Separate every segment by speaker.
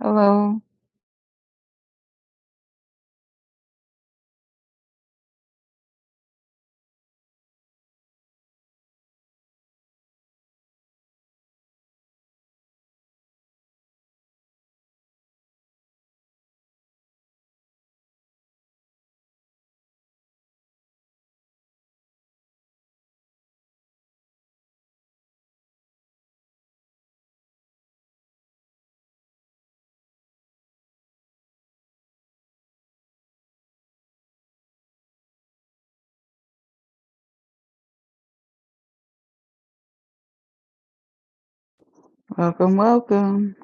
Speaker 1: Hello, welcome, welcome.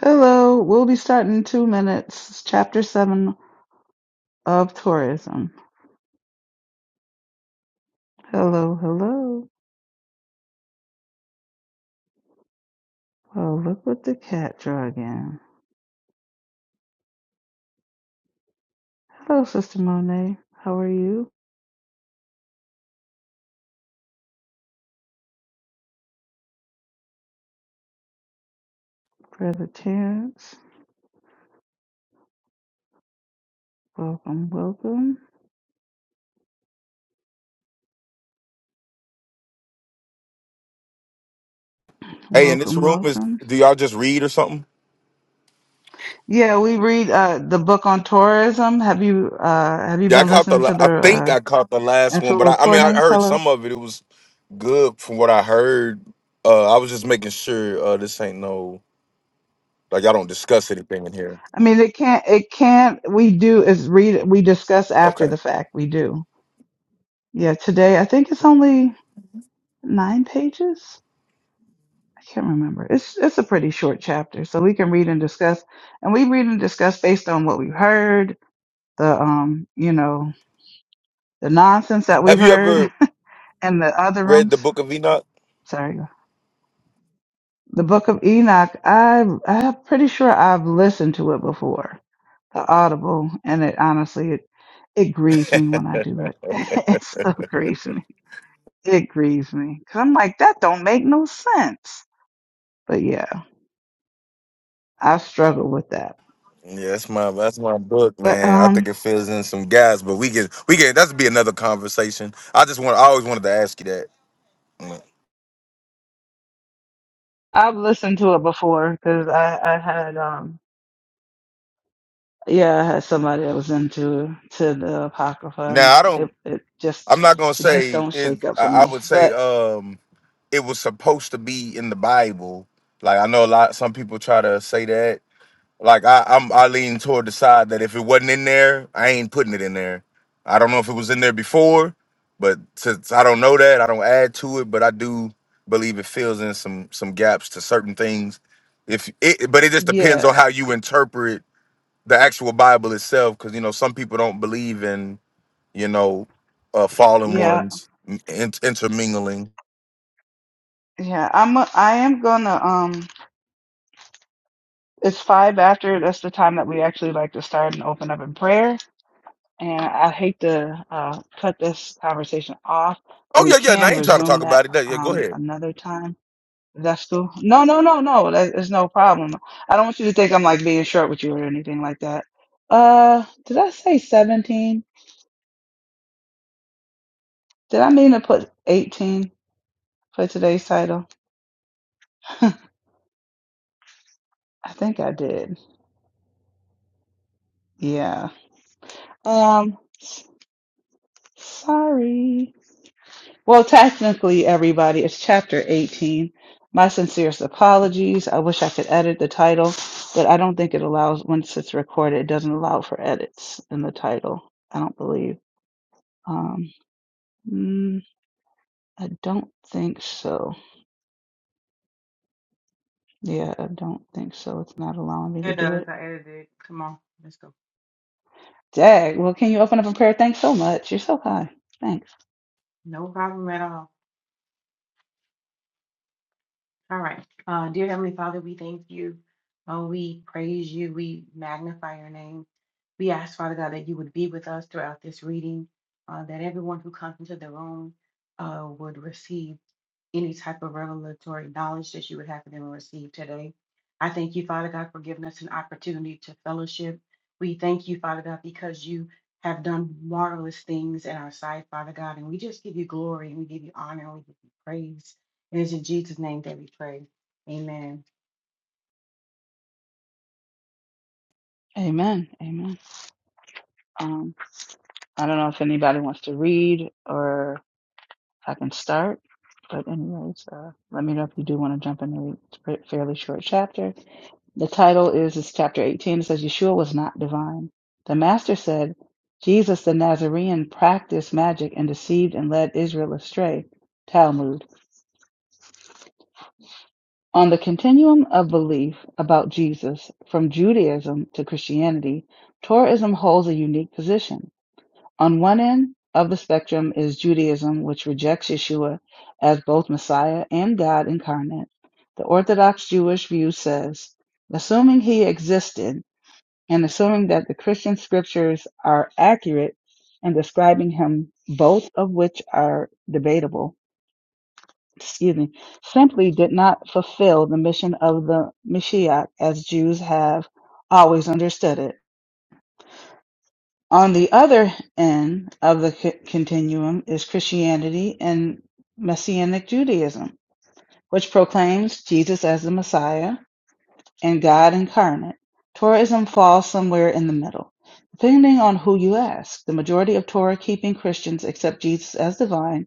Speaker 1: Hello, we'll be starting in two minutes. It's chapter seven of tourism. Hello, hello. Oh, look what the cat drew again. Hello, Sister Monet. How are you, Brother Terrence? Welcome, welcome,
Speaker 2: Hey, and this
Speaker 1: welcome,
Speaker 2: room is.
Speaker 1: welcome.
Speaker 2: Do y'all just read or something?
Speaker 1: Yeah, we read uh, the book on tourism. Have you uh, have you
Speaker 2: Yeah, I
Speaker 1: been
Speaker 2: caught the.
Speaker 1: listening to
Speaker 2: la- I
Speaker 1: the
Speaker 2: think
Speaker 1: uh,
Speaker 2: I caught the last one,
Speaker 1: actual
Speaker 2: but I, I mean, I
Speaker 1: recordings?
Speaker 2: heard
Speaker 1: Hello.
Speaker 2: some of it. It was good from what I heard. Uh, I was just making sure uh, this ain't no like y'all don't discuss anything in here.
Speaker 1: I mean, it can't. It can't. We do is read. We discuss after
Speaker 2: Okay.
Speaker 1: the fact. We do. Yeah, today I think it's only nine pages. I can't remember. It's it's a pretty short chapter, so we can read and discuss, and we read and discuss based on what we've heard, the um, you know, the nonsense that we've
Speaker 2: Have you
Speaker 1: heard
Speaker 2: ever
Speaker 1: in the other
Speaker 2: read the
Speaker 1: rooms.
Speaker 2: Book of Enoch?
Speaker 1: Sorry, the Book of Enoch. I I'm pretty sure I've listened to it before, the Audible, and it honestly it it grieves me when I do it. it still grieves me. It grieves me because I'm like that don't make no sense. But yeah. I've struggled with that.
Speaker 2: Yeah, that's my that's my book,
Speaker 1: But
Speaker 2: man. I think
Speaker 1: um
Speaker 2: it fills in some gaps, but we can we can that's be another conversation. I just want I always wanted to ask you that.
Speaker 1: I've listened to it before because I, I had um yeah, I had somebody that was into to the Apocrypha and
Speaker 2: Now I don't.
Speaker 1: it, it just
Speaker 2: I'm not gonna
Speaker 1: it just
Speaker 2: say
Speaker 1: don't
Speaker 2: it.
Speaker 1: shake up
Speaker 2: I,
Speaker 1: for
Speaker 2: I
Speaker 1: me.
Speaker 2: would say.
Speaker 1: But
Speaker 2: um it was supposed to be in the Bible. Like I know a lot some people try to say that. Like I, I'm I lean toward the side that if it wasn't in there, I ain't putting it in there. I don't know if it was in there before, but since I don't know that, I don't add to it, but I do believe it fills in some some gaps to certain things. If it but it just depends
Speaker 1: yeah,
Speaker 2: on how you interpret the actual Bible itself, because you know, some people don't believe in, you know, uh fallen
Speaker 1: yeah,
Speaker 2: ones in, intermingling.
Speaker 1: yeah. I'm a, I am gonna um it's five after that's the time that we actually like to start and open up in prayer. And I hate to uh cut this conversation off, but
Speaker 2: Oh
Speaker 1: we
Speaker 2: yeah, yeah. Now I
Speaker 1: can
Speaker 2: ain't trying to
Speaker 1: resume
Speaker 2: talk about
Speaker 1: that
Speaker 2: it. No, yeah, go
Speaker 1: um
Speaker 2: ahead.
Speaker 1: another time That's true. No, no, no, no. That, is no problem. I don't want you to think I'm like being short with you or anything like that. Uh, did I say 17? Did I mean to put 18 for today's title? I think I did. Yeah. Um, sorry. Well, technically, everybody, it's chapter 18. My sincerest apologies. I wish I could edit the title, but I don't think it allows, once it's recorded, it doesn't allow for edits in the title. I don't believe. Um, hmm. I don't think so. Yeah, I don't think so. It's not allowing me to
Speaker 3: It
Speaker 1: do
Speaker 3: does.
Speaker 1: it.
Speaker 3: I edited it. Come on. Let's go.
Speaker 1: Dag, well, can you open up a prayer? Thanks so much. You're so high. Thanks.
Speaker 3: No problem at all. All right. Uh, dear Heavenly Father, we thank you. Oh, we praise you. We magnify your name. We ask, Father God, that you would be with us throughout this reading, uh, that everyone who comes into the room uh, would receive. any type of revelatory knowledge that you would have for them to receive today. I thank you, Father God, for giving us an opportunity to fellowship. We thank you, Father God, because you have done marvelous things in our sight, Father God. And we just give you glory and we give you honor and we give you praise. It is in Jesus' name that we pray. Amen.
Speaker 1: Amen. Amen. Um, I don't know if anybody wants to read or if I can start, but anyways, uh, let me know if you do want to jump in and read. It's a fa- fairly short chapter. The title is, it's chapter 18. It says, Yeshua was not divine. The master said, Jesus the Nazarene practiced magic and deceived and led Israel astray. Talmud. On the continuum of belief about Jesus from Judaism to Christianity, Torahism holds a unique position. On one end of the spectrum is Judaism, which rejects Yeshua as both Messiah and God incarnate. The Orthodox Jewish view says, assuming he existed and assuming that the Christian scriptures are accurate in describing him, both of which are debatable, excuse me, simply did not fulfill the mission of the Mashiach as Jews have always understood it. On the other end of the c- continuum is Christianity and Messianic Judaism, which proclaims Jesus as the Messiah and God incarnate. Torahism falls somewhere in the middle. Depending on who you ask, the majority of Torah keeping Christians accept Jesus as divine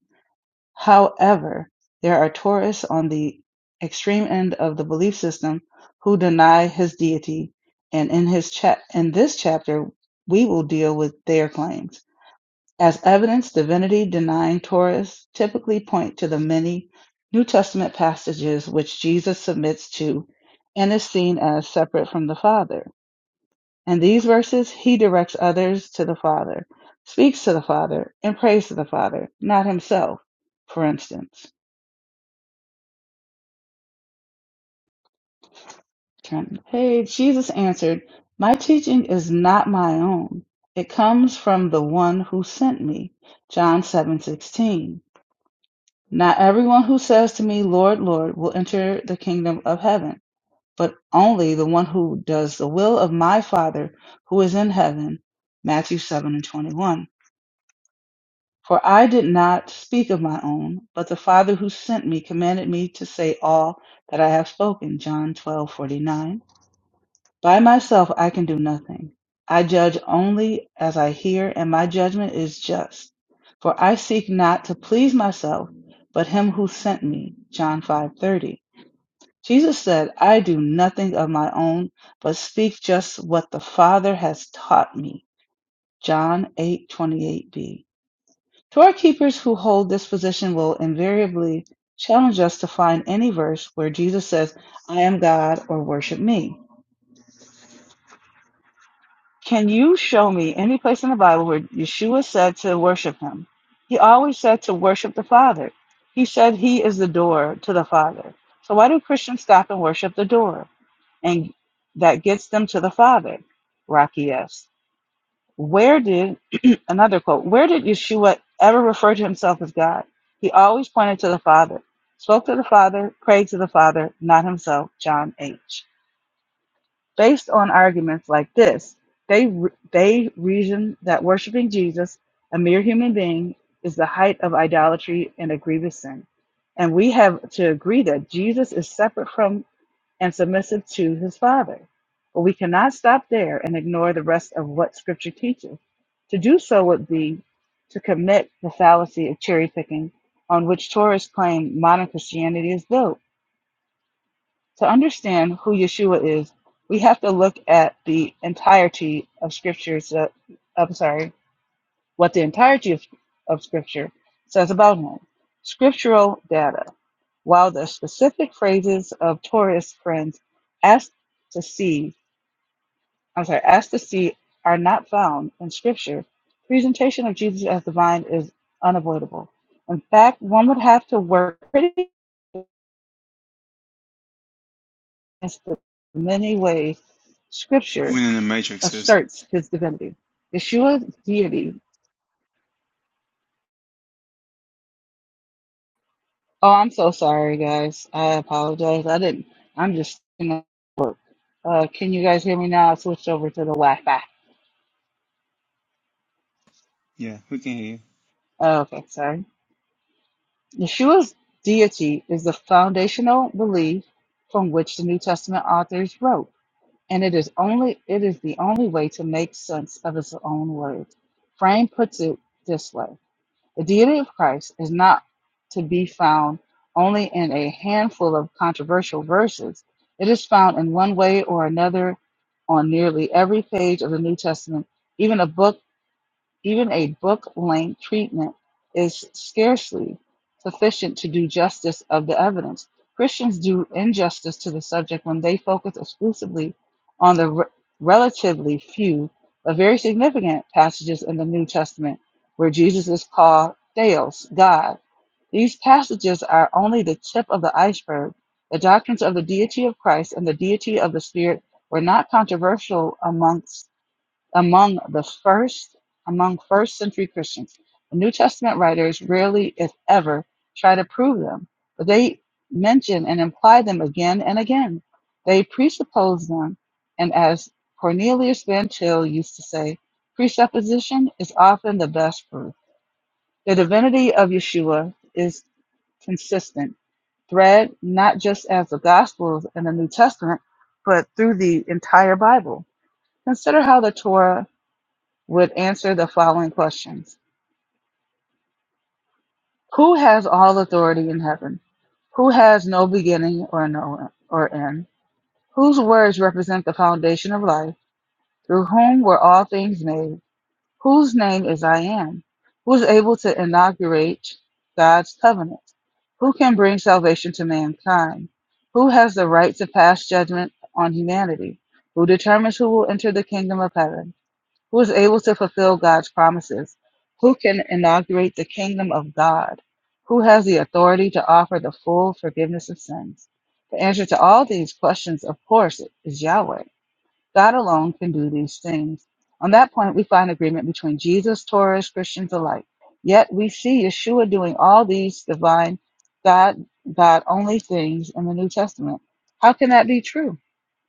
Speaker 1: However, there are Taurists on the extreme end of the belief system who deny his deity, and in his chap in this chapter we will deal with their claims. As evidence, divinity-denying Taurists typically point to the many New Testament passages which Jesus submits to and is seen as separate from the Father. In these verses, he directs others to the Father, speaks to the Father, and prays to the Father, not himself, for instance. Turn the page. Jesus answered, My teaching is not my own. It comes from the one who sent me. John seven sixteen. Not everyone who says to me, Lord, Lord, will enter the kingdom of heaven, but only the one who does the will of my Father who is in heaven. Matthew seven and twenty one. For I did not speak of my own, but the Father who sent me commanded me to say all that I have spoken. John twelve forty nine. By myself I can do nothing. I judge only as I hear, and my judgment is just. For I seek not to please myself, but him who sent me. John 5:30. Jesus said, I do nothing of my own, but speak just what the Father has taught me. John 8:28b. Torah keepers who hold this position will invariably challenge us to find any verse where Jesus says, I am God or worship me. Can you show me any place in the Bible where Yeshua said to worship him? He always said to worship the Father. He said he is the door to the Father. So why do Christians stop and worship the door? And that gets them to the Father. Rocky asks, Where did, another quote, where did Yeshua ever refer to himself as God? He always pointed to the Father, spoke to the Father, prayed to the Father, not himself, John H. Based on arguments like this, they, re- they reason that worshiping Jesus, a mere human being, is the height of idolatry and a grievous sin. And we have to agree that Jesus is separate from and submissive to his Father. But we cannot stop there and ignore the rest of what Scripture teaches. To do so would be to commit the fallacy of cherry picking on which Tourists claim modern Christianity is built to understand who Yeshua is, we have to look at the entirety of scriptures. that- I'm sorry, what the entirety of, of scripture says about him. Scriptural data. While the specific phrases of Torah's friends asked to see, I'm sorry, asked to see are not found in scripture, presentation of Jesus as divine is unavoidable. In fact, one would have to work pretty against the many ways scripture
Speaker 4: When in the Matrix is
Speaker 1: asserts his divinity. Yeshua's deity. Oh, I'm so sorry, guys. I apologize. I didn't. I'm just in the work. Uh, can you guys hear me now? I switched over to the Wi-Fi.
Speaker 4: yeah, we can hear you.
Speaker 1: Oh, okay, sorry. Yeshua's deity is the foundational belief from which the New Testament authors wrote, and it is only it is the only way to make sense of his own words. Frame puts it this way. The deity of Christ is not to be found only in a handful of controversial verses. It is found in one way or another on nearly every page of the New Testament, even a book. Even a book length treatment is scarcely sufficient to do justice of the evidence. Christians do injustice to the subject when they focus exclusively on the re- relatively few but very significant passages in the New Testament where Jesus is called Theos, God. These passages are only the tip of the iceberg. The doctrines of the deity of Christ and the deity of the Spirit were not controversial amongst among the first among first century Christians. The New Testament writers rarely, if ever, try to prove them, but they mention and imply them again and again. They presuppose them, and as Cornelius Van Til used to say, presupposition is often the best proof. The divinity of Yeshua is consistent thread, not just as the Gospels and the New Testament, but through the entire Bible. Consider how the Torah would answer the following questions Who has all authority in heaven? Who has no beginning or no or end? Whose words represent the foundation of life? Through whom were all things made? Whose name is I am? Who's able to inaugurate God's covenant? Who can bring salvation to mankind? Who has the right to pass judgment on humanity? Who determines who will enter the kingdom of heaven? Who is able to fulfill God's promises? Who can inaugurate the kingdom of God? Who has the authority to offer the full forgiveness of sins? The answer to all these questions, of course, is Yahweh. God alone can do these things. On that point, we find agreement between Jesus, Torahs, Christians alike. Yet we see Yeshua doing all these divine, God, God only things in the New Testament. How can that be true?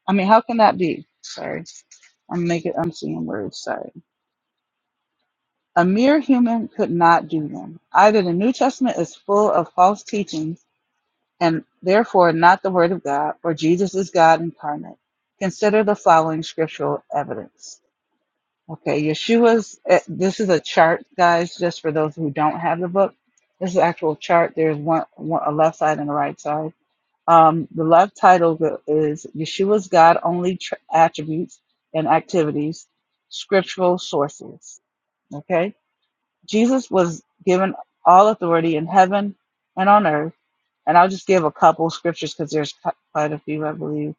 Speaker 1: I mean, how can that be? Sorry, I'm making, I'm seeing words. Sorry. A mere human could not do them. Either the New Testament is full of false teachings and therefore not the Word of God, or Jesus is God incarnate. Consider the following scriptural evidence. Okay, Yeshua's, eh, this is a chart, guys, just for those who don't have the book. This is an actual chart. There's one, one a left side and a right side. Um, the left title is Yeshua's God only tr- attributes and activities, scriptural sources. Okay, Jesus was given all authority in heaven and on earth. And I'll just give a couple scriptures because there's quite a few, I believe.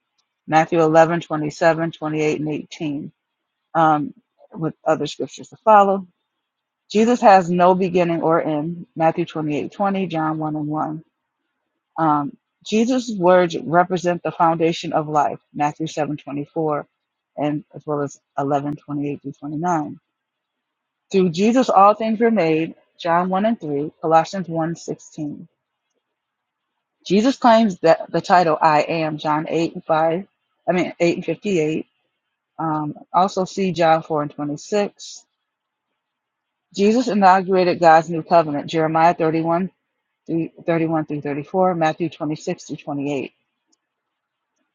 Speaker 1: Matthew 11 27, 28, and 18, um, with other scriptures to follow. Jesus has no beginning or end. Matthew 28 20, John 1 and 1. Um, Jesus' words represent the foundation of life. Matthew 7 24, and as well as eleven twenty eight 28 through 29 through Jesus all things were made, John 1 and 3, Colossians one 16. Jesus claims that the title I am, John 8 and 5, I mean 8 and 58. Um, also see John 4 and 26. Jesus inaugurated God's new covenant, Jeremiah 31, 31 through 34, Matthew 26 through 28.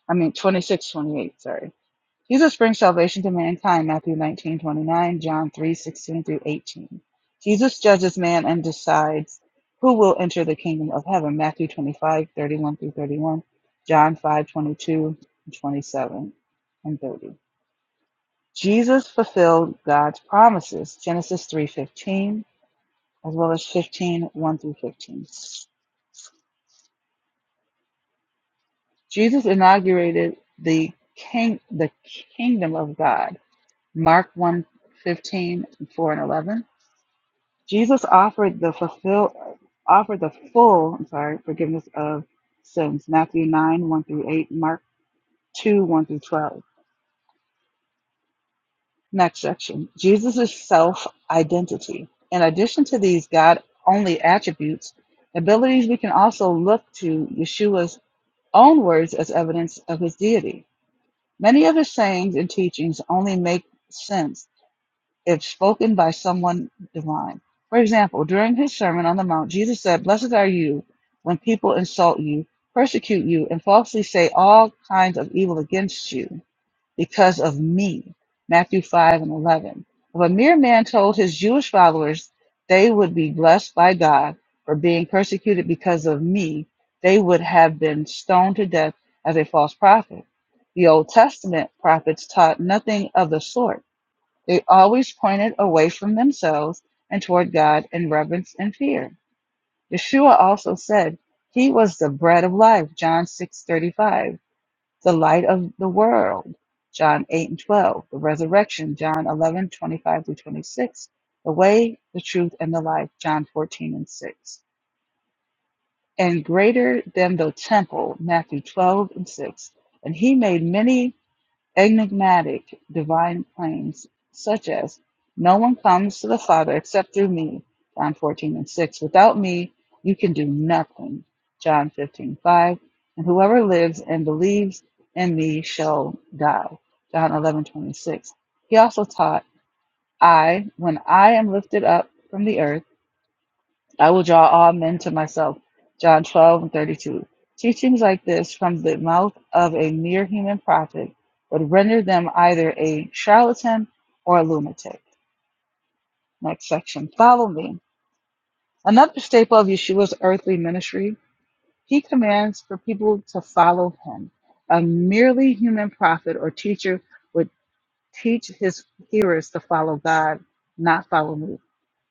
Speaker 1: I mean 26, 28. sorry. Jesus brings salvation to mankind, Matthew 19:29, John 316 through 18. Jesus judges man and decides who will enter the kingdom of heaven, Matthew 2531 31 through 31, John 5:22, 22, 27, and twenty seven and 30. Jesus fulfilled God's promises, Genesis 3:15, as well as 15, one through 15. Jesus inaugurated the king, the kingdom of God, Mark 1, fifteen 4 and 11. Jesus offered the fulfill offered the full, I'm sorry, forgiveness of sins. Matthew 9, 1 through 8, Mark 2, 1 through 12. Next section. Jesus' self-identity. In addition to these God only attributes, abilities we can also look to Yeshua's own words as evidence of his deity. Many of his sayings and teachings only make sense if spoken by someone divine. For example, during his Sermon on the Mount, Jesus said, Blessed are you when people insult you, persecute you, and falsely say all kinds of evil against you because of me. Matthew 5 and 11. If a mere man told his Jewish followers they would be blessed by God for being persecuted because of me, they would have been stoned to death as a false prophet. The Old Testament prophets taught nothing of the sort they always pointed away from themselves and toward God in reverence and fear. Yeshua also said he was the bread of life, John 6:35, the light of the world, John 8 and 12, the resurrection, John eleven twenty-five 25 through 26, the way, the truth, and the life, John 14 and 6, and greater than the temple, Matthew 12 and 6. And he made many enigmatic divine claims such as no one comes to the father except through me john 14 and 6 without me you can do nothing john 15 5. and whoever lives and believes in me shall die john 11 26. he also taught i when i am lifted up from the earth I will draw all men to myself. John 12 and 32. Teachings like this from the mouth of a mere human prophet would render them either a charlatan or a lunatic. Next section. Follow me. Another staple of Yeshua's earthly ministry, he commands for people to follow him. A merely human prophet or teacher would teach his hearers to follow God, not follow me.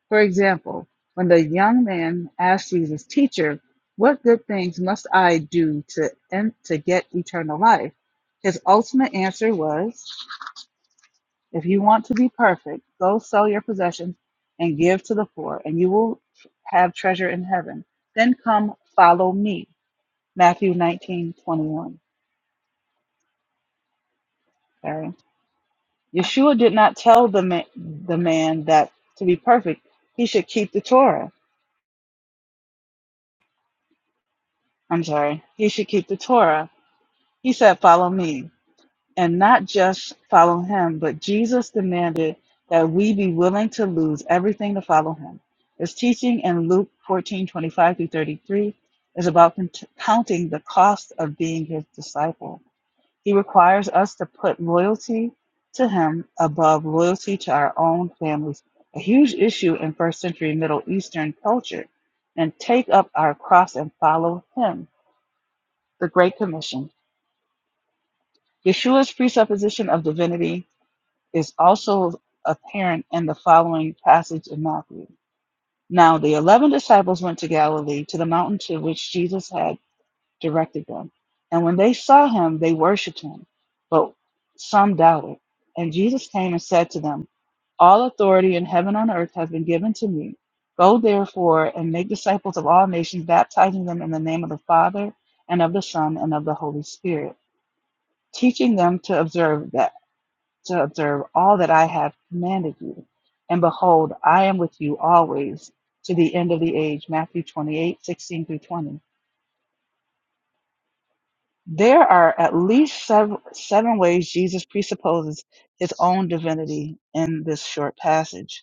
Speaker 1: For example, when the young man asked Jesus, Teacher, what good things must I do to, en- to get eternal life? His ultimate answer was, If you want to be perfect, go sell your possessions and give to the poor, and you will have treasure in heaven. Then come follow me. Matthew nineteen twenty one. 21. Okay. Yeshua did not tell the, ma- the man that to be perfect, he should keep the Torah. I'm sorry, he should keep the Torah He said, Follow me. And not just follow him, but Jesus demanded that we be willing to lose everything to follow him. His teaching in Luke 14 25 through 33 is about cont- counting the cost of being his disciple. He requires us to put loyalty to him above loyalty to our own families, a huge issue in first century Middle Eastern culture, and take up our cross and follow him. The Great Commission. Yeshua's presupposition of divinity is also apparent in the following passage in Matthew. Now, the eleven disciples went to Galilee, to the mountain to which Jesus had directed them. And when they saw him, they worshipped him, but some doubted. And Jesus came and said to them, All authority in heaven and on earth has been given to me. Go therefore and make disciples of all nations, baptizing them in the name of the Father, and of the Son, and of the Holy Spirit, teaching them to observe that to observe all that I have commanded you. And behold, I am with you always to the end of the age. Matthew 2816 through 20. There are at least seven, seven ways Jesus presupposes his own divinity in this short passage.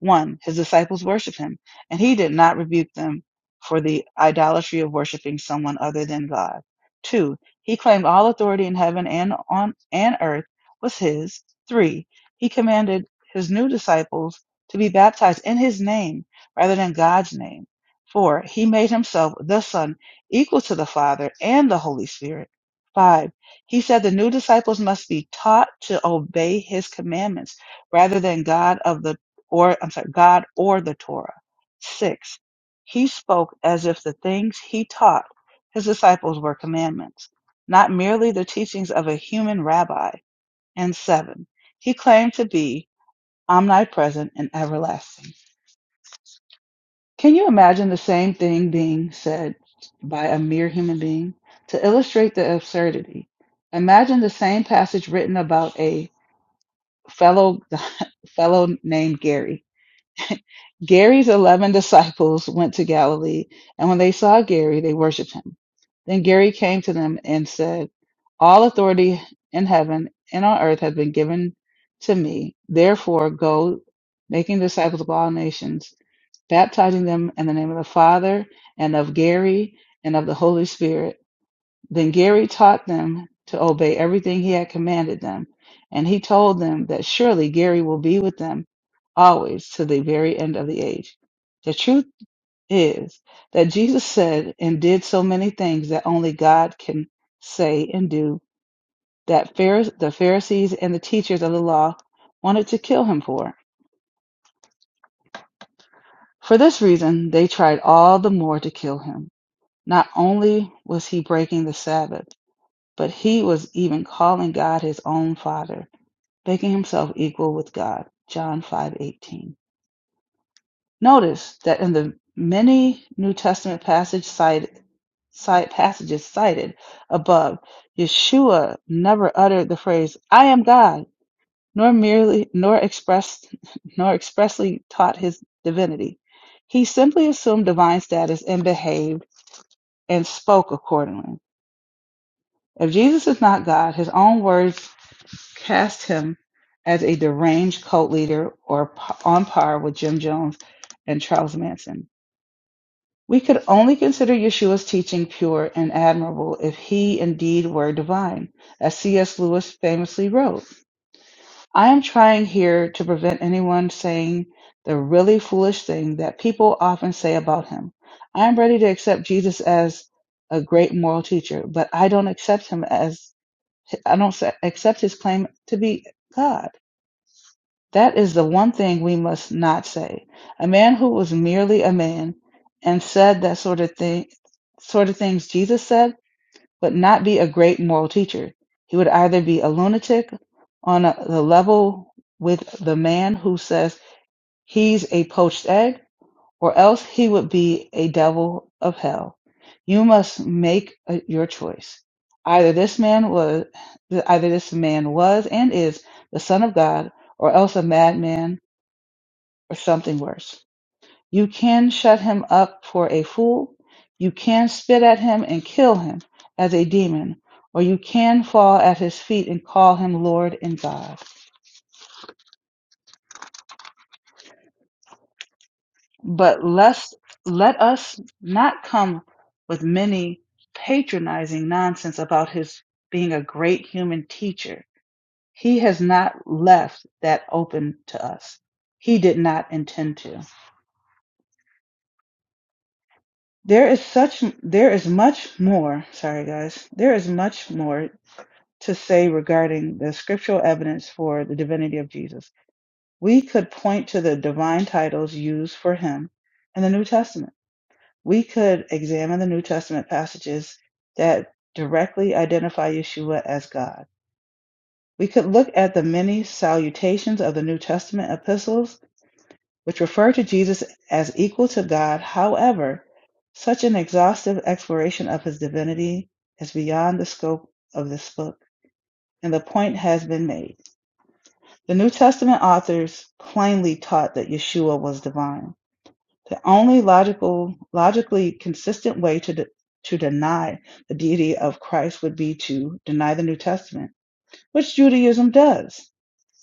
Speaker 1: 1. His disciples worshipped him, and he did not rebuke them for the idolatry of worshiping someone other than God. 2. He claimed all authority in heaven and on and earth was his. 3. He commanded his new disciples to be baptized in his name rather than God's name. 4. He made himself the Son equal to the Father and the Holy Spirit. 5. He said the new disciples must be taught to obey his commandments rather than God of the or I'm sorry, God or the Torah. Six, he spoke as if the things he taught his disciples were commandments, not merely the teachings of a human rabbi. And seven, he claimed to be omnipresent and everlasting. Can you imagine the same thing being said by a mere human being? To illustrate the absurdity, imagine the same passage written about a fellow fellow named Gary Gary's eleven disciples went to Galilee, and when they saw Gary, they worshipped him. Then Gary came to them and said, All authority in heaven and on earth has been given to me. Therefore, go making disciples of all nations, baptizing them in the name of the Father, and of Gary, and of the Holy Spirit then Gary taught them to obey everything he had commanded them, and he told them that surely Gary will be with them always to the very end of the age. The truth is that Jesus said and did so many things that only God can say and do that Pharise- the Pharisees and the teachers of the law wanted to kill him for. For this reason, they tried all the more to kill him. Not only was he breaking the Sabbath, but he was even calling God his own Father making himself equal with God. John 5:18. Notice that in the many New Testament passage cited, cite, passages cited above, Yeshua never uttered the phrase "I am God," nor merely nor expressed nor expressly taught his divinity. He simply assumed divine status and behaved and spoke accordingly. If Jesus is not God, his own words cast him as a deranged cult leader or p- on par with Jim Jones and Charles Manson. We could only consider Yeshua's teaching pure and admirable if he indeed were divine, as C.S. Lewis famously wrote. I am trying here to prevent anyone saying the really foolish thing that people often say about him. I am ready to accept Jesus as a great moral teacher, but I don't accept him as I don't accept his claim to be God. That is the one thing we must not say. A man who was merely a man and said that sort of thing, sort of things Jesus said, would not be a great moral teacher. He would either be a lunatic on a, the level with the man who says he's a poached egg, or else he would be a devil of hell. You must make uh your choice. Either this man was, either this man was and is the son of God, or else a madman or something worse. You can shut him up for a fool, you can spit at him and kill him as a demon, or you can fall at his feet and call him Lord and God. But lest, let us not come with many patronizing nonsense about his being a great human teacher. He has not left that open to us. He did not intend to. There is such there is much more, sorry guys, there is much more to say regarding the scriptural evidence for the divinity of Jesus. We could point to the divine titles used for him in the New Testament. We could examine the New Testament passages that directly identify Yeshua as God. We could look at the many salutations of the New Testament epistles which refer to Jesus as equal to God. However, such an exhaustive exploration of his divinity is beyond the scope of this book, and the point has been made. The New Testament authors plainly taught that Yeshua was divine. The only logical, logically consistent way to de- to deny the deity of Christ would be to deny the New Testament, which Judaism does.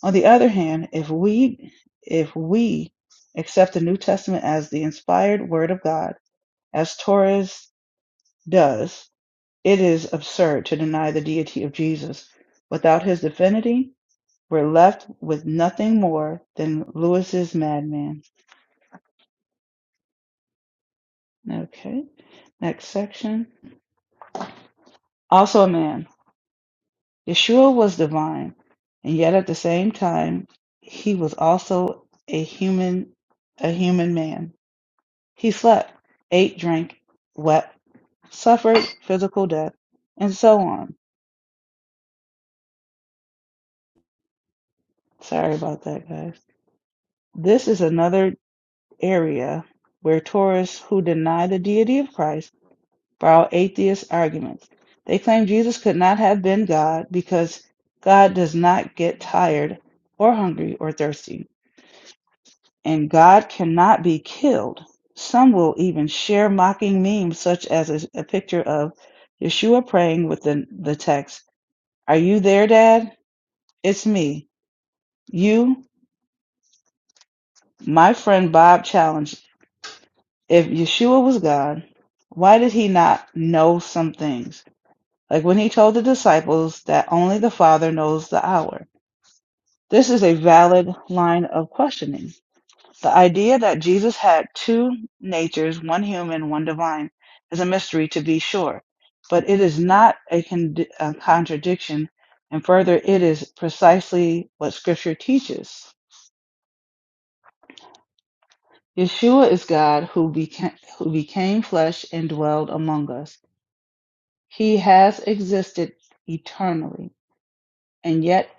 Speaker 1: On the other hand, if we if we accept the New Testament as the inspired word of God, as Torres does, it is absurd to deny the deity of Jesus. Without his divinity, we're left with nothing more than Lewis's madman. Okay. Next section. Also a man. Yeshua was divine, and yet at the same time, he was also a human a human man. He slept, ate, drank, wept, suffered physical death, and so on. Sorry about that, guys. This is another area where Taurists who deny the deity of Christ borrow atheist arguments. They claim Jesus could not have been God because God does not get tired or hungry or thirsty, and God cannot be killed. Some will even share mocking memes such as a, a picture of Yeshua praying with the, the text Are you there, Dad? It's me. You, my friend Bob challenged. If Yeshua was God, why did he not know some things? Like when he told the disciples that only the Father knows the hour. This is a valid line of questioning. The idea that Jesus had two natures, one human, one divine, is a mystery to be sure, but it is not a, con- a contradiction, and further, it is precisely what Scripture teaches. Yeshua is God who became, who became flesh and dwelled among us. He has existed eternally, and yet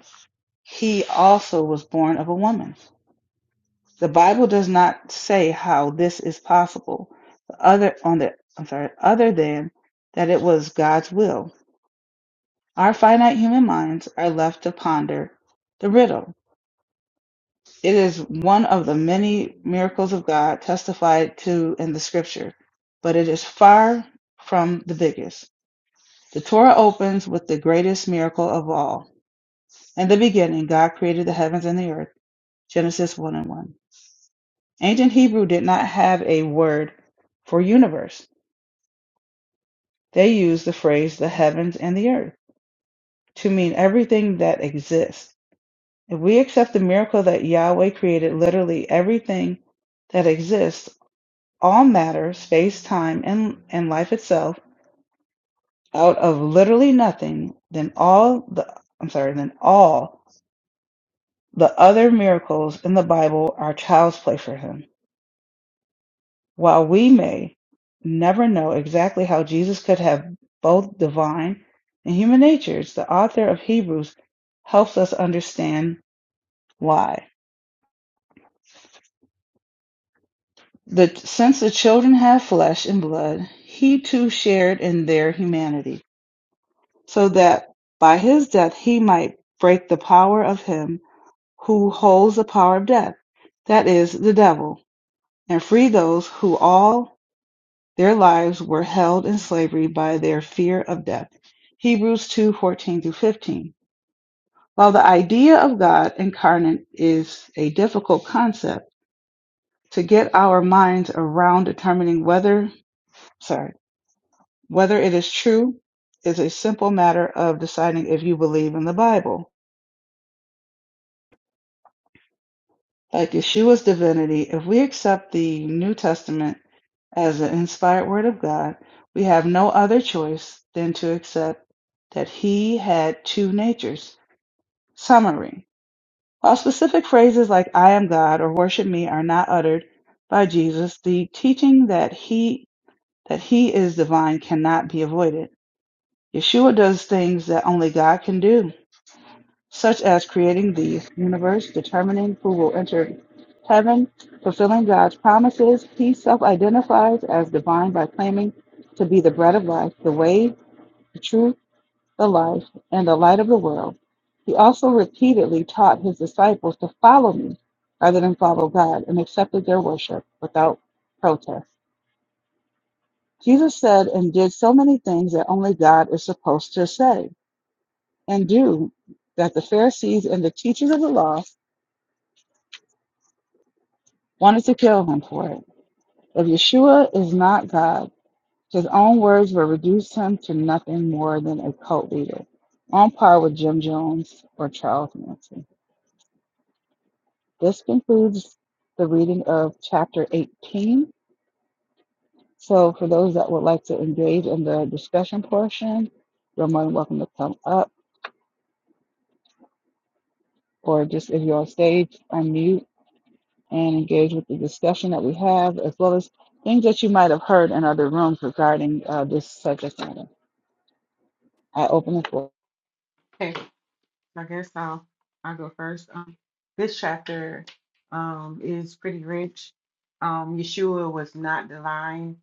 Speaker 1: he also was born of a woman. The Bible does not say how this is possible, other on the I'm sorry, other than that it was God's will. Our finite human minds are left to ponder the riddle. It is one of the many miracles of God testified to in the scripture, but it is far from the biggest. The Torah opens with the greatest miracle of all. In the beginning, God created the heavens and the earth. Genesis 1 and 1. Ancient Hebrew did not have a word for universe. They used the phrase the heavens and the earth to mean everything that exists. If we accept the miracle that Yahweh created literally everything that exists, all matter, space, time, and and life itself, out of literally nothing, then all the I'm sorry, then all the other miracles in the Bible are child's play for him. While we may never know exactly how Jesus could have both divine and human natures, the author of Hebrews helps us understand why. The, since the children have flesh and blood, he too shared in their humanity so that by his death he might break the power of him who holds the power of death, that is, the devil, and free those who all their lives were held in slavery by their fear of death. Hebrews 214 through 15. While the idea of God incarnate is a difficult concept, to get our minds around determining whether, sorry, whether it is true is a simple matter of deciding if you believe in the Bible. Like Yeshua's divinity, if we accept the New Testament as an inspired word of God, we have no other choice than to accept that he had two natures. Summary While specific phrases like I am God or worship me are not uttered by Jesus, the teaching that he that he is divine cannot be avoided. Yeshua does things that only God can do such as creating the universe, determining who will enter heaven, fulfilling God's promises. He self identifies as divine by claiming to be the bread of life, the way, the truth, the life, and the light of the world. He also repeatedly taught his disciples to follow me rather than follow God and accepted their worship without protest. Jesus said and did so many things that only God is supposed to say and do that the Pharisees and the teachers of the law wanted to kill him for it. If Yeshua is not God, his own words will reduce him to nothing more than a cult leader, on par with Jim Jones or Charles Manson. This concludes the reading of chapter 18. So, for those that would like to engage in the discussion portion, you're more than welcome to come up, or just if you're on stage, unmute and engage with the discussion that we have, as well as things that you might have heard in other rooms regarding uh, this subject matter. I open the floor.
Speaker 3: Okay. I guess I'll I'll go first. Um, this chapter um, is pretty rich. Um, Yeshua was not the line.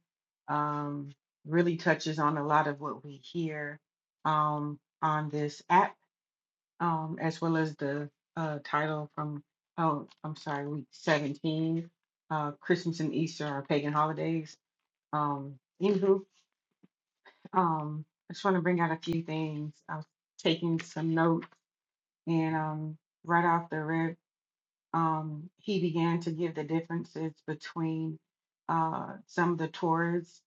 Speaker 3: Um, really touches on a lot of what we hear um, on this app, um, as well as the uh, title from oh I'm sorry week 17. Uh, Christmas and Easter are pagan holidays. Um, anywho, um, I just want to bring out a few things. I was taking some notes and um, right off the rip. um, he began to give the differences between uh, some of the Taurus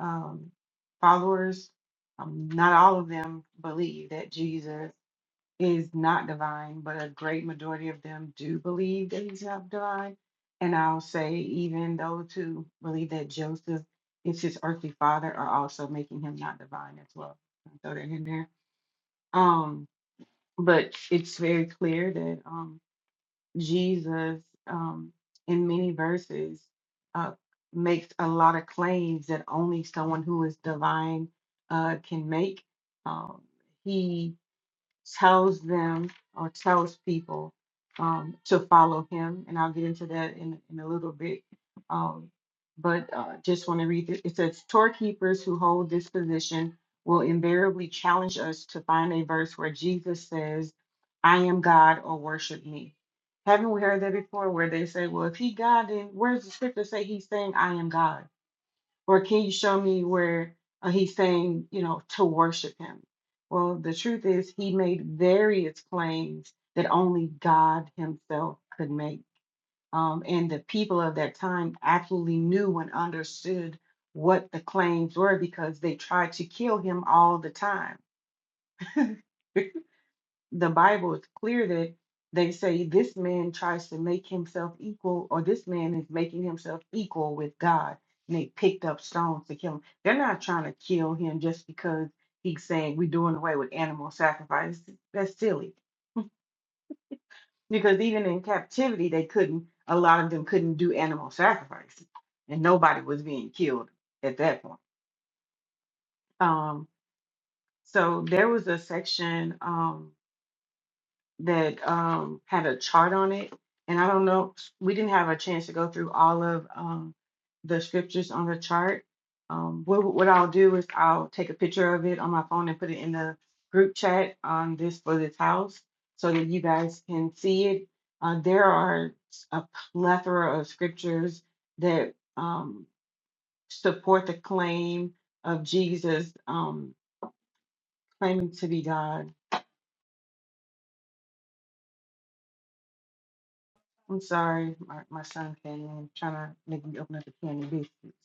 Speaker 3: um, followers. Um, not all of them believe that Jesus is not divine, but a great majority of them do believe that he's not divine. And I'll say, even those who believe that Joseph is his earthly father are also making him not divine as well. I'll throw that in there. Um, but it's very clear that um, Jesus um, in many verses uh, makes a lot of claims that only someone who is divine uh, can make. Um, he tells them or tells people um, to follow him. And I'll get into that in, in a little bit. Um, but uh, just want to read it. It says, Storekeepers who hold this position will invariably challenge us to find a verse where Jesus says, I am God or worship me. Haven't we heard that before where they say, Well, if he God, then where's the scripture say he's saying, I am God? Or can you show me where uh, he's saying, you know, to worship him? Well, the truth is, he made various claims that only God himself could make. Um, and the people of that time absolutely knew and understood what the claims were because they tried to kill him all the time the Bible is clear that they say this man tries to make himself equal, or this man is making himself equal with God. And they picked up stones to kill him. They're not trying to kill him just because he's saying we're doing away with animal sacrifice. That's silly. Because even in captivity, they couldn't, a lot of them couldn't do animal sacrifice. And nobody was being killed at that point. Um, so there was a section. Um, that um, had a chart on it. And I don't know, we didn't have a chance to go through all of um, the scriptures on the chart. Um, what, what I'll do is I'll take a picture of it on my phone and put it in the group chat on this for this house so that you guys can see it. Uh, there are a plethora of scriptures that um, support the claim of Jesus um, claiming to be God I'm sorry, my, my son came in trying to make me open up a can biscuits.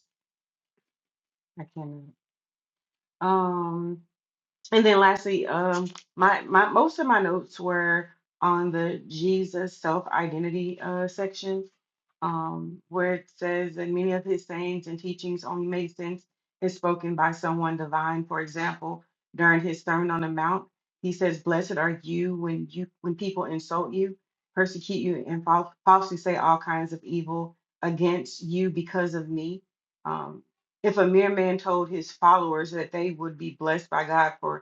Speaker 3: I can't. Um, and then lastly, um, my my most of my notes were on the Jesus self identity uh, section, um, where it says that many of his sayings and teachings only made sense if spoken by someone divine. For example, during his Sermon on the Mount, he says, "Blessed are you when you when people insult you, persecute you, and fal- falsely say all kinds of evil against you because of me." Um, if a mere man told his followers that they would be blessed by God for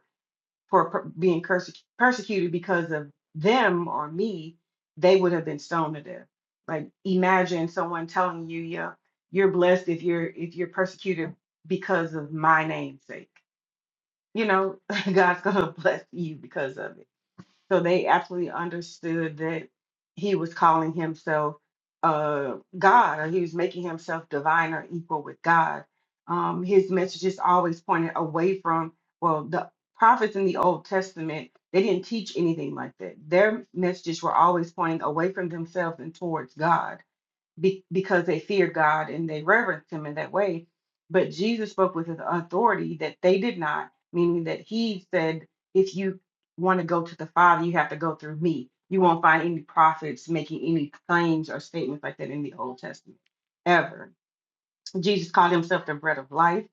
Speaker 3: for per- being perse- persecuted because of them or me, they would have been stoned to death. Like imagine someone telling you, "Yeah, you're blessed if you're if you're persecuted because of my name's sake." You know, God's gonna bless you because of it. So they absolutely understood that he was calling himself uh, God, or he was making himself divine or equal with God. Um, his messages always pointed away from, well, the prophets in the Old Testament, they didn't teach anything like that. Their messages were always pointing away from themselves and towards God be, because they feared God and they reverenced him in that way. But Jesus spoke with an authority that they did not, meaning that he said, if you want to go to the Father, you have to go through me. You won't find any prophets making any claims or statements like that in the Old Testament ever. Jesus called himself the bread of life.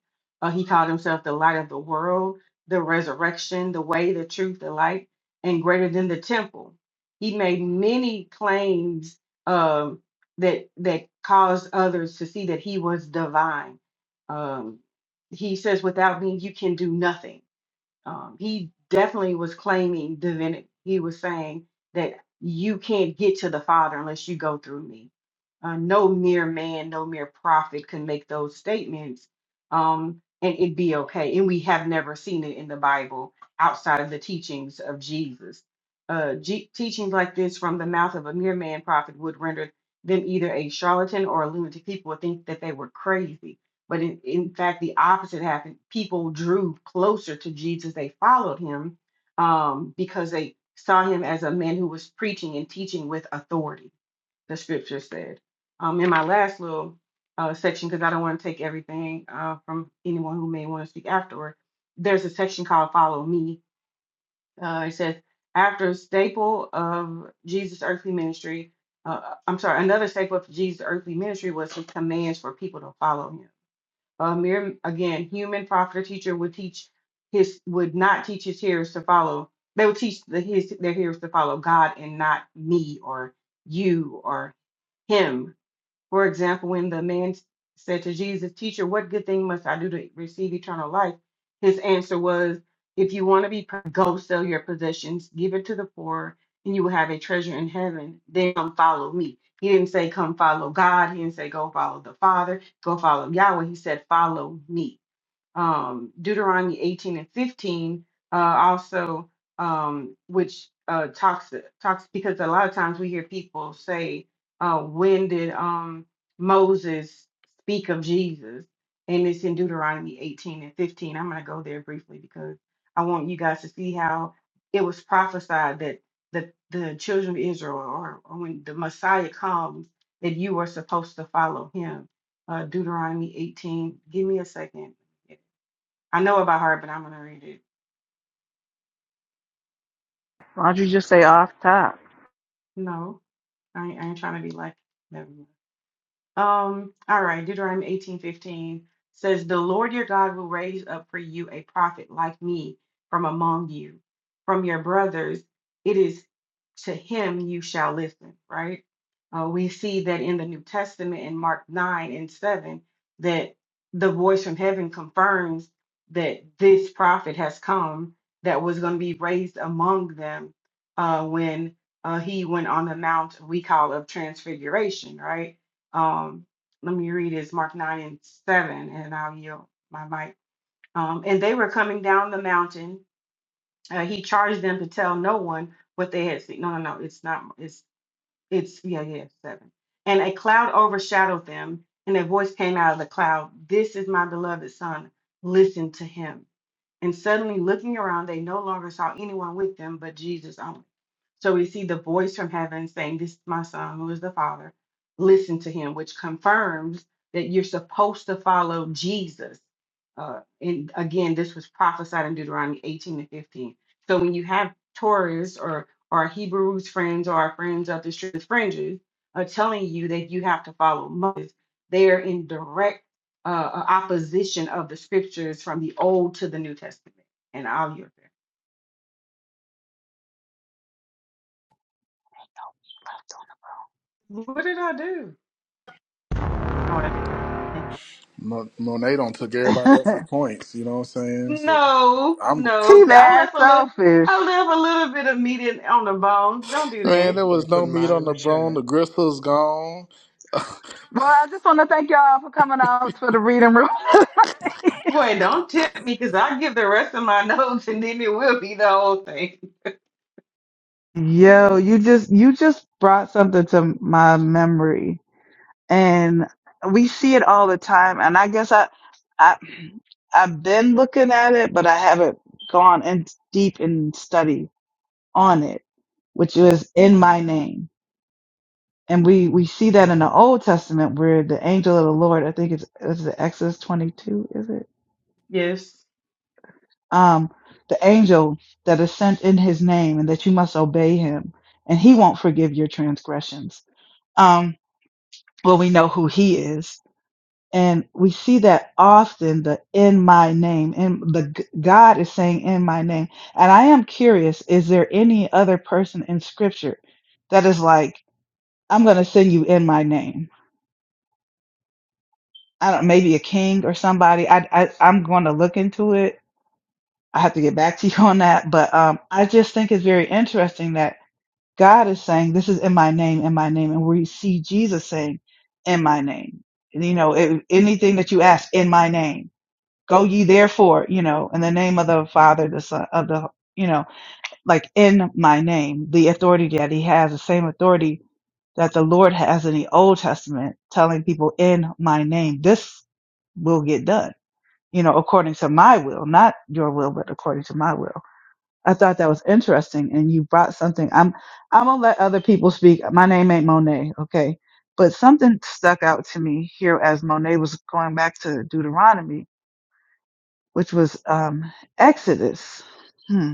Speaker 3: Uh, he called himself the light of the world, the resurrection, the way, the truth, the light, and greater than the temple. He made many claims um, that that caused others to see that he was divine. Um, he says, "Without me, you can do nothing." um, he definitely was claiming divinity. He was saying that you can't get to the Father unless you go through me. Uh, no mere man, no mere prophet can make those statements um, and it'd be okay. And we have never seen it in the Bible outside of the teachings of Jesus. Uh, G- teachings like this from the mouth of a mere man prophet would render them either a charlatan or a lunatic. People would think that they were crazy but in, in fact, the opposite happened. People drew closer to Jesus. They followed him um, because they saw him as a man who was preaching and teaching with authority, the scripture said. Um, in my last little uh, section, because I don't want to take everything uh, from anyone who may want to speak afterward, there's a section called Follow Me. Uh, it says, after a staple of Jesus' earthly ministry, uh, I'm sorry, another staple of Jesus' earthly ministry was his commands for people to follow him a mere again, human prophet or teacher would teach his would not teach his hearers to follow. They would teach the his their hearers to follow God and not me or you or him for example, when the man said to Jesus, Teacher, what good thing must I do to receive eternal life? His answer was, If you want to be, perfect, go sell your possessions, give it to the poor, and you will have a treasure in heaven. Then come follow me. He didn't say, Come follow God. He didn't say, Go follow the Father, go follow Yahweh. He said, Follow me um, Deuteronomy 18 and 15 uh, also, um, which uh, talks talks because a lot of times we hear people say, uh, "When did um, Moses speak of Jesus?" And it's in Deuteronomy 18 and 15. I'm going to go there briefly because I want you guys to see how it was prophesied that the the children of Israel, or, or when the Messiah comes, that you are supposed to follow him. Uh, Deuteronomy 18. Give me a second I know it by heart, but I'm gonna read it.
Speaker 1: Why'd you just say off top?
Speaker 3: No, I ain't, I ain't trying to be like. Never mind. Um, all right, Deuteronomy eighteen fifteen says, The Lord your God will raise up for you a prophet like me from among you, from your brothers. It is to him you shall listen, right? Uh, we see that in the New Testament in Mark 9 and 7, that the voice from heaven confirms that this prophet has come that was going to be raised among them uh, when uh, he went on the mount we call of transfiguration, right? um, let me read it. It's Mark 9 and 7, and I'll yield my mic. Um, and they were coming down the mountain. Uh, he charged them to tell no one what they had seen. No, no, no, it's not. It's, it's, yeah, yeah, 7. And a cloud overshadowed them, and a voice came out of the cloud This is my beloved son. Listen to him and suddenly, looking around, they no longer saw anyone with them but Jesus only. So we see the voice from heaven saying, This is my son, who is the Father. Listen to him, which confirms that you're supposed to follow Jesus. Uh, and again, this was prophesied in Deuteronomy 18 and 15. So when you have Taurus or, or Hebrews friends or our friends of the street fringes are telling you that you have to follow Moses, they are in direct uh, uh, opposition of the scriptures from the Old to the New Testament. And I'll yield there. What did I do? Oh, I did
Speaker 5: Mo- Monet don't took everybody else's points. You know what I'm saying? So
Speaker 3: No,
Speaker 5: I'm gonna say,
Speaker 3: no,
Speaker 1: she
Speaker 3: th- I
Speaker 1: mad
Speaker 3: left a little.
Speaker 1: selfish.
Speaker 3: I left a little bit of meat in, on the bone. Don't do
Speaker 6: I
Speaker 5: man,
Speaker 3: that.
Speaker 5: there
Speaker 6: just
Speaker 5: was
Speaker 6: started
Speaker 5: no
Speaker 6: putting
Speaker 5: meat
Speaker 6: mine
Speaker 5: on
Speaker 6: in
Speaker 5: the
Speaker 6: the chat.
Speaker 5: bone. The gristle's gone.
Speaker 1: Well, I just want to thank y'all for coming out for the reading room.
Speaker 3: Boy, don't tempt me, cause I'll give the rest of my notes, and then it will be the whole thing.
Speaker 1: Yo, you just you just brought something to my memory, and we see it all the time. And I guess I I I've been looking at it, but I haven't gone in deep in study on it, which is in my name. And we, we see that in the Old Testament where the angel of the Lord, I think it's, is it Exodus 22, is it?
Speaker 3: Yes,
Speaker 1: Um, the angel that is sent in his name and that you must obey him and he won't forgive your transgressions um, well, we know who he is. And we see that often the in my name and the g- God is saying in my name. And I am curious, is there any other person in scripture that is like, I'm going to send you in my name? I don't maybe a king or somebody. I, I I'm going to look into it. I have to get back to you on that, but um, I just think it's very interesting that God is saying, "This is in my name, in my name," and we see Jesus saying, "In my name." And, you know, it, anything that you ask in my name, go ye therefore, you know, in the name of the Father, the Son, of the, you know, like in my name, the authority that He has, the same authority that the Lord has in the Old Testament, telling people in my name, this will get done you know, according to my will, not your will, but according to my will. I thought that was interesting, and you brought something. I'm I'm gonna let other people speak. My name ain't Monet, okay? But something stuck out to me here as Monet was going back to Deuteronomy, which was um, Exodus, hmm.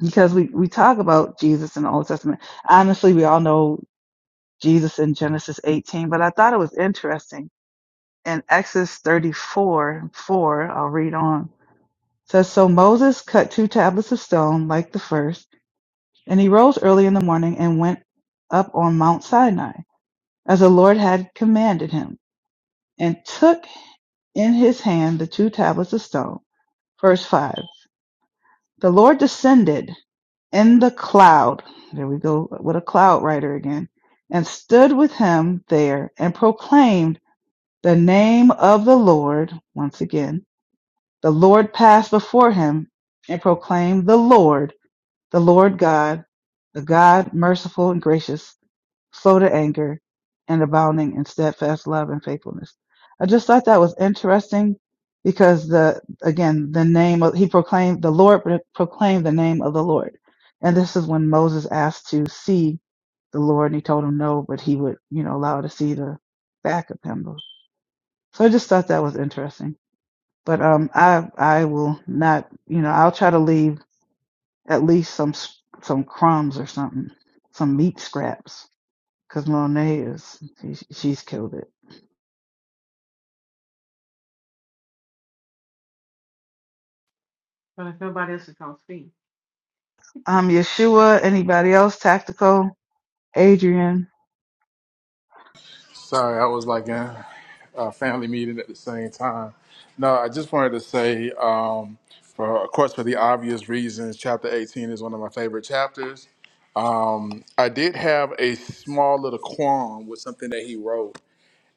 Speaker 1: because we we talk about Jesus in the Old Testament. Honestly, we all know Jesus in Genesis 18, but I thought it was interesting in Exodus 34 4. I'll read on says, So Moses cut two tablets of stone like the first, and he rose early in the morning and went up on Mount Sinai, as the Lord had commanded him, and took in his hand the two tablets of stone. Verse 5 The Lord descended in the cloud. There we go with a cloud writer again. And stood with him there and proclaimed the name of the Lord. Once again, the Lord passed before him and proclaimed the Lord. The Lord God, the God merciful and gracious, slow to anger, and abounding in steadfast love and faithfulness. I just thought that was interesting because the again the name of he proclaimed the Lord pro- proclaimed the name of the Lord, and this is when Moses asked to see the Lord, and he told him no, but he would you know allow to see the back of him. So I just thought that was interesting. But um, I I will not you know I'll try to leave at least some s- some crumbs or something, some meat scraps, because Monet is she, she's killed it.
Speaker 3: but if nobody else is gonna speak,
Speaker 1: Um, Yeshua. Anybody else? Tactical. Adrian.
Speaker 5: Sorry, I was like in a family meeting at the same time. No, I just wanted to say, um, for of course, for the obvious reasons, chapter 18 is one of my favorite chapters. Um, I did have a small little qualm with something that he wrote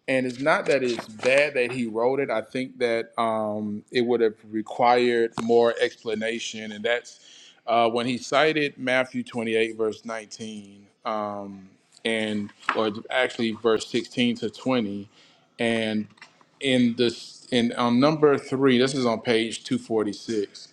Speaker 5: and it's not that it's bad that he wrote it. I think that um, it would have required more explanation, and that's uh, when he cited Matthew twenty-eight verse nineteen, um, and or actually verse sixteen to twenty, and in this in on number three, this is on page two forty-six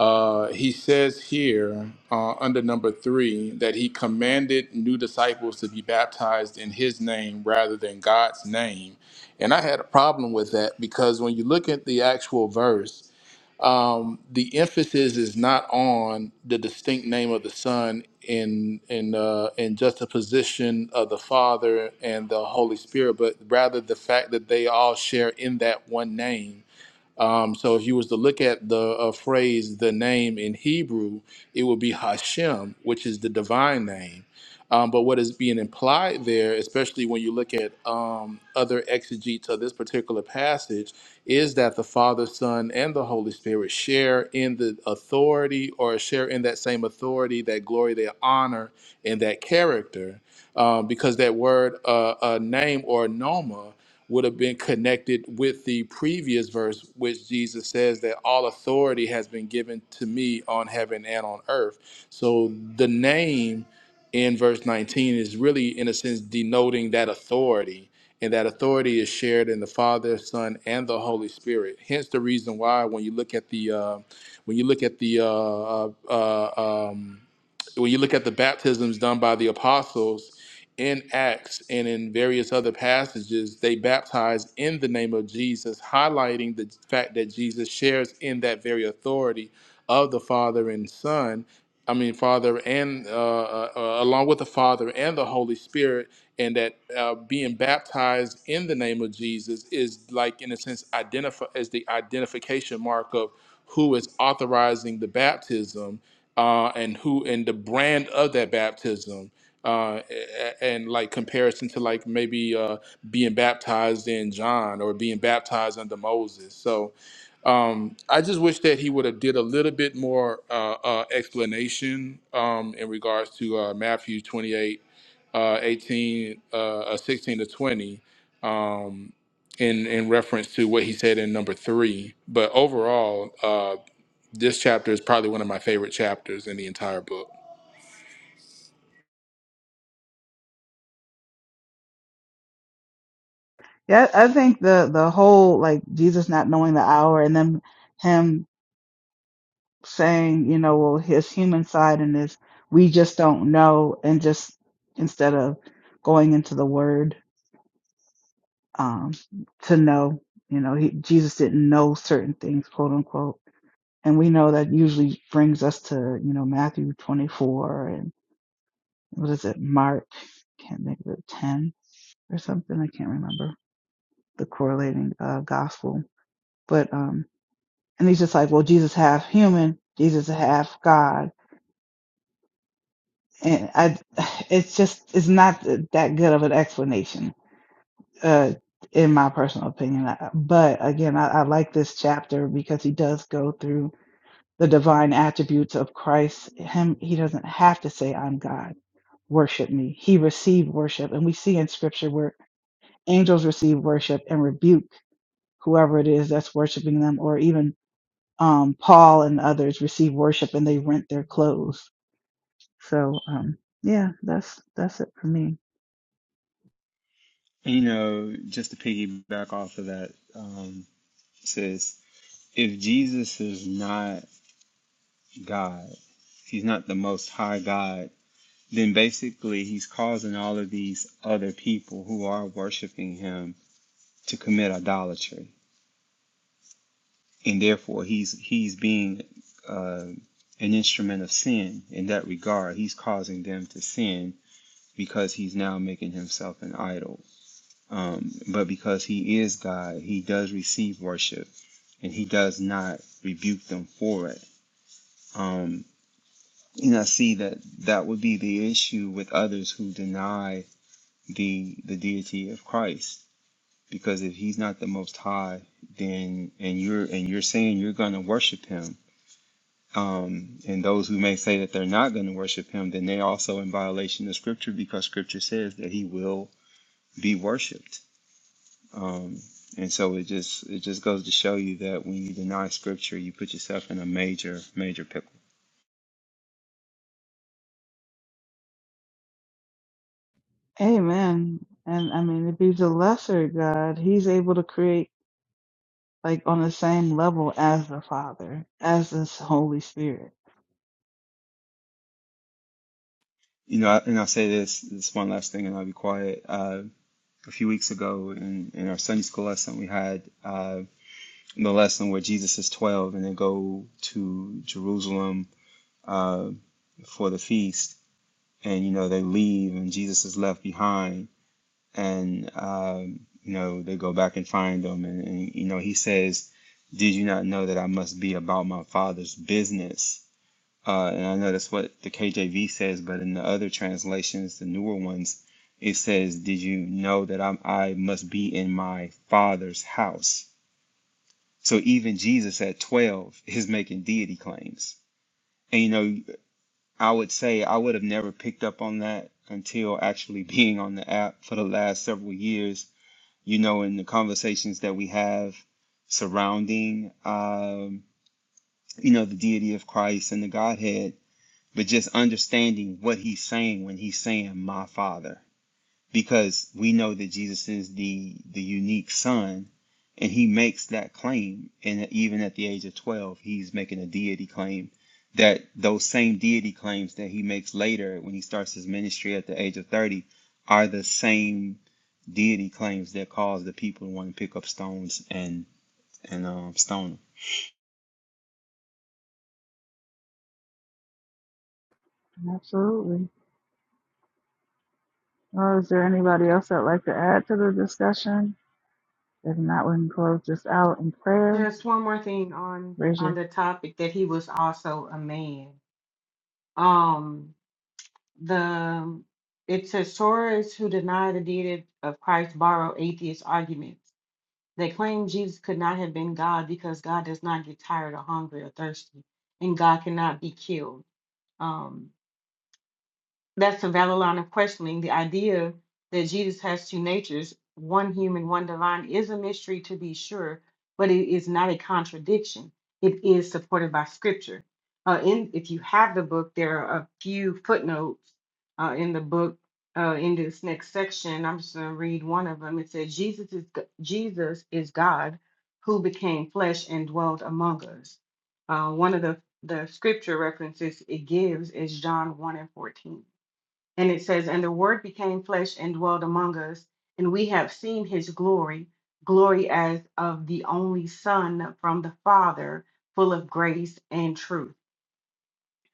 Speaker 5: uh, he says here uh, under number three that he commanded new disciples to be baptized in his name rather than God's name. And I had a problem with that because when you look at the actual verse, um, the emphasis is not on the distinct name of the Son in in uh, in juxtaposition of the Father and the Holy Spirit, but rather the fact that they all share in that one name um, so if you was to look at the uh, phrase, the name in Hebrew, it would be Hashem, which is the divine name. Um, but what is being implied there, especially when you look at um, other exegetes of this particular passage, is that the Father, Son, and the Holy Spirit share in the authority or share in that same authority, that glory, that honor, and that character. Um, because that word, uh, uh, name or noma, would have been connected with the previous verse, which Jesus says that all authority has been given to me on heaven and on earth. So the name in verse 19 is really, in a sense, denoting that authority. And that authority is shared in the Father, Son, and the Holy Spirit. Hence, the reason why, when you look at the, uh, when you look at the, uh, uh, uh, um, when you look at the baptisms done by the apostles, in Acts and in various other passages, they baptize in the name of Jesus, highlighting the fact that Jesus shares in that very authority of the Father and Son. I mean, Father and uh, uh, uh, along with the Father and the Holy Spirit, and that uh, being baptized in the name of Jesus is like, in a sense, identify as the identification mark of who is authorizing the baptism uh, and who and the brand of that baptism uh, a- and like comparison to like maybe uh, being baptized in John or being baptized under Moses. So um, I just wish that he would have did a little bit more uh, uh, explanation um, in regards to uh, Matthew 28, uh, 18, uh, uh, 16 to 20. Um, in, in reference to what he said in number three, but overall, uh, this chapter is probably one of my favorite chapters in the entire book.
Speaker 1: Yeah, I think the the whole like Jesus not knowing the hour and then him saying, you know, well his human side and his we just don't know, and just instead of going into the Word um, to know, you know, he, Jesus didn't know certain things, quote unquote and we know that usually brings us to you know Matthew 24 and what is it Mark can't think of it 10 or something I can't remember the correlating uh, gospel but um and he's just like well Jesus half human Jesus half God and I it's just it's not that good of an explanation uh in my personal opinion Uh, but again I, I like this chapter because he does go through the divine attributes of Christ him he doesn't have to say I'm God worship me. He received worship. And we see in scripture where angels receive worship and rebuke whoever it is that's worshiping them, or even um, Paul and others receive worship and they rent their clothes. So, um, yeah, that's that's it for me.
Speaker 4: And, you know, just to piggyback off of that, um, it says if Jesus is not God, if he's not the Most High God, then basically he's causing all of these other people who are worshiping him to commit idolatry, and therefore he's he's being uh, an instrument of sin in that regard. He's causing them to sin because he's now making himself an idol Um, but because he is God, he does receive worship and he does not rebuke them for it. Um, and I see that that would be the issue with others who deny the the deity of Christ. Because if he's not the most high, then and you're and you're saying you're gonna worship him. Um, and those who may say that they're not going to worship him, then they're also in violation of scripture because scripture says that he will be worshiped. Um, and so it just it just goes to show you that when you deny scripture, you put yourself in a major major pickle.
Speaker 1: Amen. And I mean, if he's a lesser God, he's able to create like on the same level as the Father, as this Holy Spirit.
Speaker 4: You know, I- and I'll say this this one last thing, and I'll be quiet. Uh, a few weeks ago in, in our Sunday school lesson, we had uh, the lesson where Jesus is twelve and they go to Jerusalem uh, for the feast, and you know they leave, and Jesus is left behind and um, you know they go back and find him and, and you know he says did you not know that i must be about my father's business uh, and i know that's what the kjv says but in the other translations the newer ones it says did you know that I'm, i must be in my father's house so even jesus at 12 is making deity claims and you know i would say i would have never picked up on that until actually being on the app for the last several years you know, in the conversations that we have surrounding, um, you know, the deity of Christ and the Godhead, but just understanding what he's saying when he's saying, my Father because we know that Jesus is the the unique son and he makes that claim and even at the age of 12 he's making a deity claim that those same deity claims that he makes later when he starts his ministry at the age of 30 are the same deity claims that cause the people to want to pick up stones and and um, stone him.
Speaker 1: Absolutely. Well, is there anybody else that'd like to add to the discussion? If not, we can close this out in prayer.
Speaker 3: just one more thing on
Speaker 1: Raise
Speaker 3: on
Speaker 1: your
Speaker 3: the topic that he was also a man. Um, the it says sorors who deny the deity of Christ borrow atheist arguments. They claim Jesus could not have been God because God does not get tired or hungry or thirsty, and God cannot be killed. Um, that's a valid line of questioning. The idea that Jesus has two natures, one human, one divine, is a mystery to be sure, but it is not a contradiction. It is supported by Scripture. Uh, in if you have the book, there are a few footnotes uh, in the book. Uh, in this next section, I'm just going to read one of them. It says, "Jesus is G- Jesus is God, who became flesh and dwelt among us." Uh, one of the the scripture references it gives is John one and fourteen. And it says, And the Word became flesh and dwelt among us, and we have seen his glory, glory as of the only Son from the Father, full of grace and truth.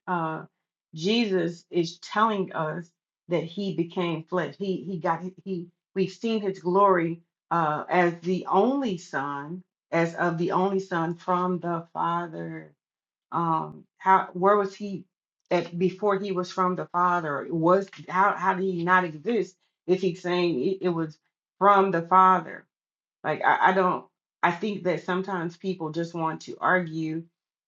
Speaker 3: Uh, Jesus is telling us that he became flesh. He he got he we've seen his glory uh, as the only Son, as of the only Son from the Father um how where was he at before he was from the father was how how did he not exist if he's saying it, it was from the father like I, I don't i think that sometimes people just want to argue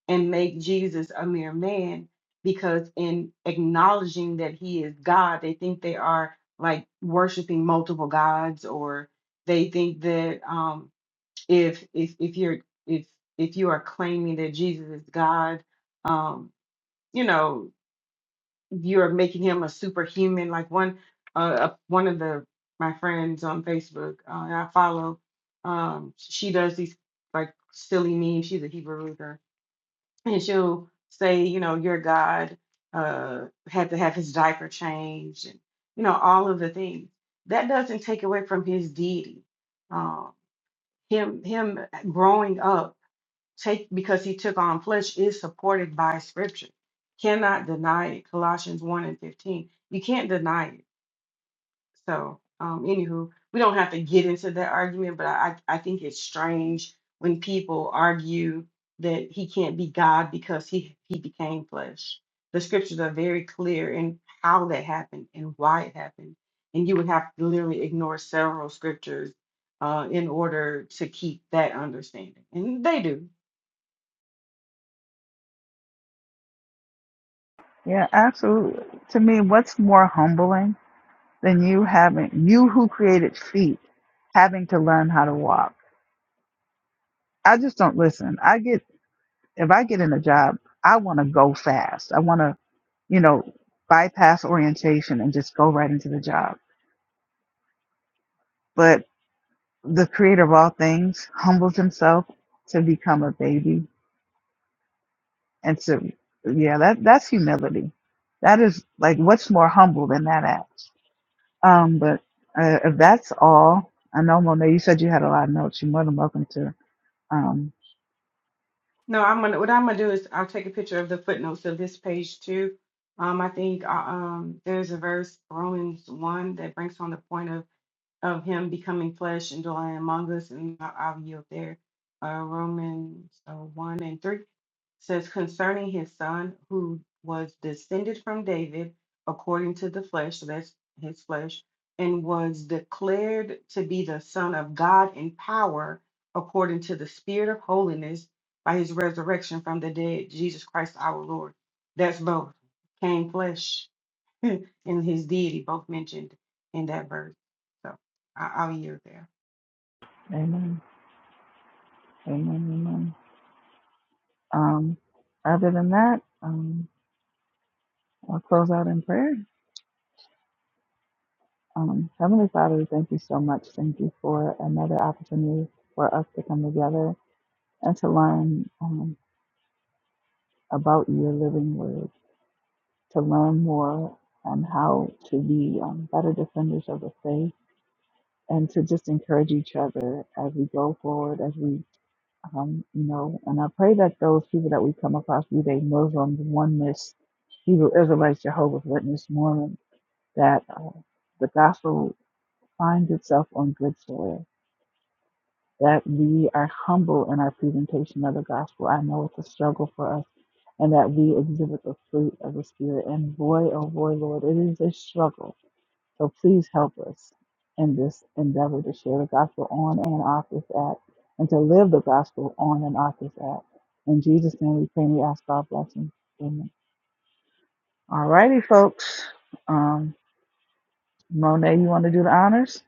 Speaker 3: and make jesus a mere man because in acknowledging that he is god they think they are like worshiping multiple gods or they think that um if if if you're if if you are claiming that Jesus is God, um, you know, you are making him a superhuman. Like one uh uh, one of the my friends on Facebook uh, that I follow, um, she does these like silly memes. She's a Hebrew reader, and she'll say, you know, your God uh had to have his diaper changed, and you know all of the things. That doesn't take away from his deity. Um, him him growing up take because he took on flesh is supported by scripture. Cannot deny it. Colossians 1 and 15. You can't deny it. So, um, anywho, we don't have to get into that argument, but I, I I think it's strange when people argue that he can't be God because he, he became flesh. The scriptures are very clear in how that happened and why it happened. And you would have to literally ignore several scriptures uh, in order to keep that understanding. And they do.
Speaker 1: Yeah, absolutely. To me, what's more humbling than you having, you who created feet, having to learn how to walk? I just don't listen. I get, if I get in a job, I want to go fast. I want to, you know, bypass orientation and just go right into the job. But the creator of all things humbles himself to become a baby. And to, yeah, that, that's humility. That is like, what's more humble than that act? Um, but uh, if that's all, I know, Monet, you said you had a lot of notes. You're more than welcome to. Um,
Speaker 3: No, I'm gonna. What I'm gonna do is I'll take a picture of the footnotes of this page too. Um, I think uh, um, there's a verse Romans one that brings on the point of of him becoming flesh and dwelling among us, and I- I'll yield there. Uh, Romans uh, 1 and 3 says, concerning his son who was descended from David according to the flesh, so that's his flesh, and was declared to be the Son of God in power according to the Spirit of holiness by his resurrection from the dead, Jesus Christ our Lord. That's both, came flesh and his deity both mentioned in that verse. So I, I'll yield there.
Speaker 1: amen. Amen. Amen. Um, other than that, um, I'll close out in prayer. Um, Heavenly Father, we thank you so much. Thank you for another opportunity for us to come together and to learn um, about your living word, to learn more on how to be um, better defenders of the faith, and to just encourage each other as we go forward, as we um, you know, and I pray that those people that we come across, be they Muslims, Oneness, Hebrew Israelites, Jehovah's Witness, Mormon, that uh, the gospel finds itself on good soil, that we are humble in our presentation of the gospel. I know it's a struggle for us, and that we exhibit the fruit of the Spirit. And boy, oh boy, Lord, it is a struggle so please help us in this endeavor to share the gospel on and off this app and to live the gospel on and off this app. In Jesus' name we pray and we ask God blessing. Amen. All righty, folks. Um, Monet, you want to do the honors?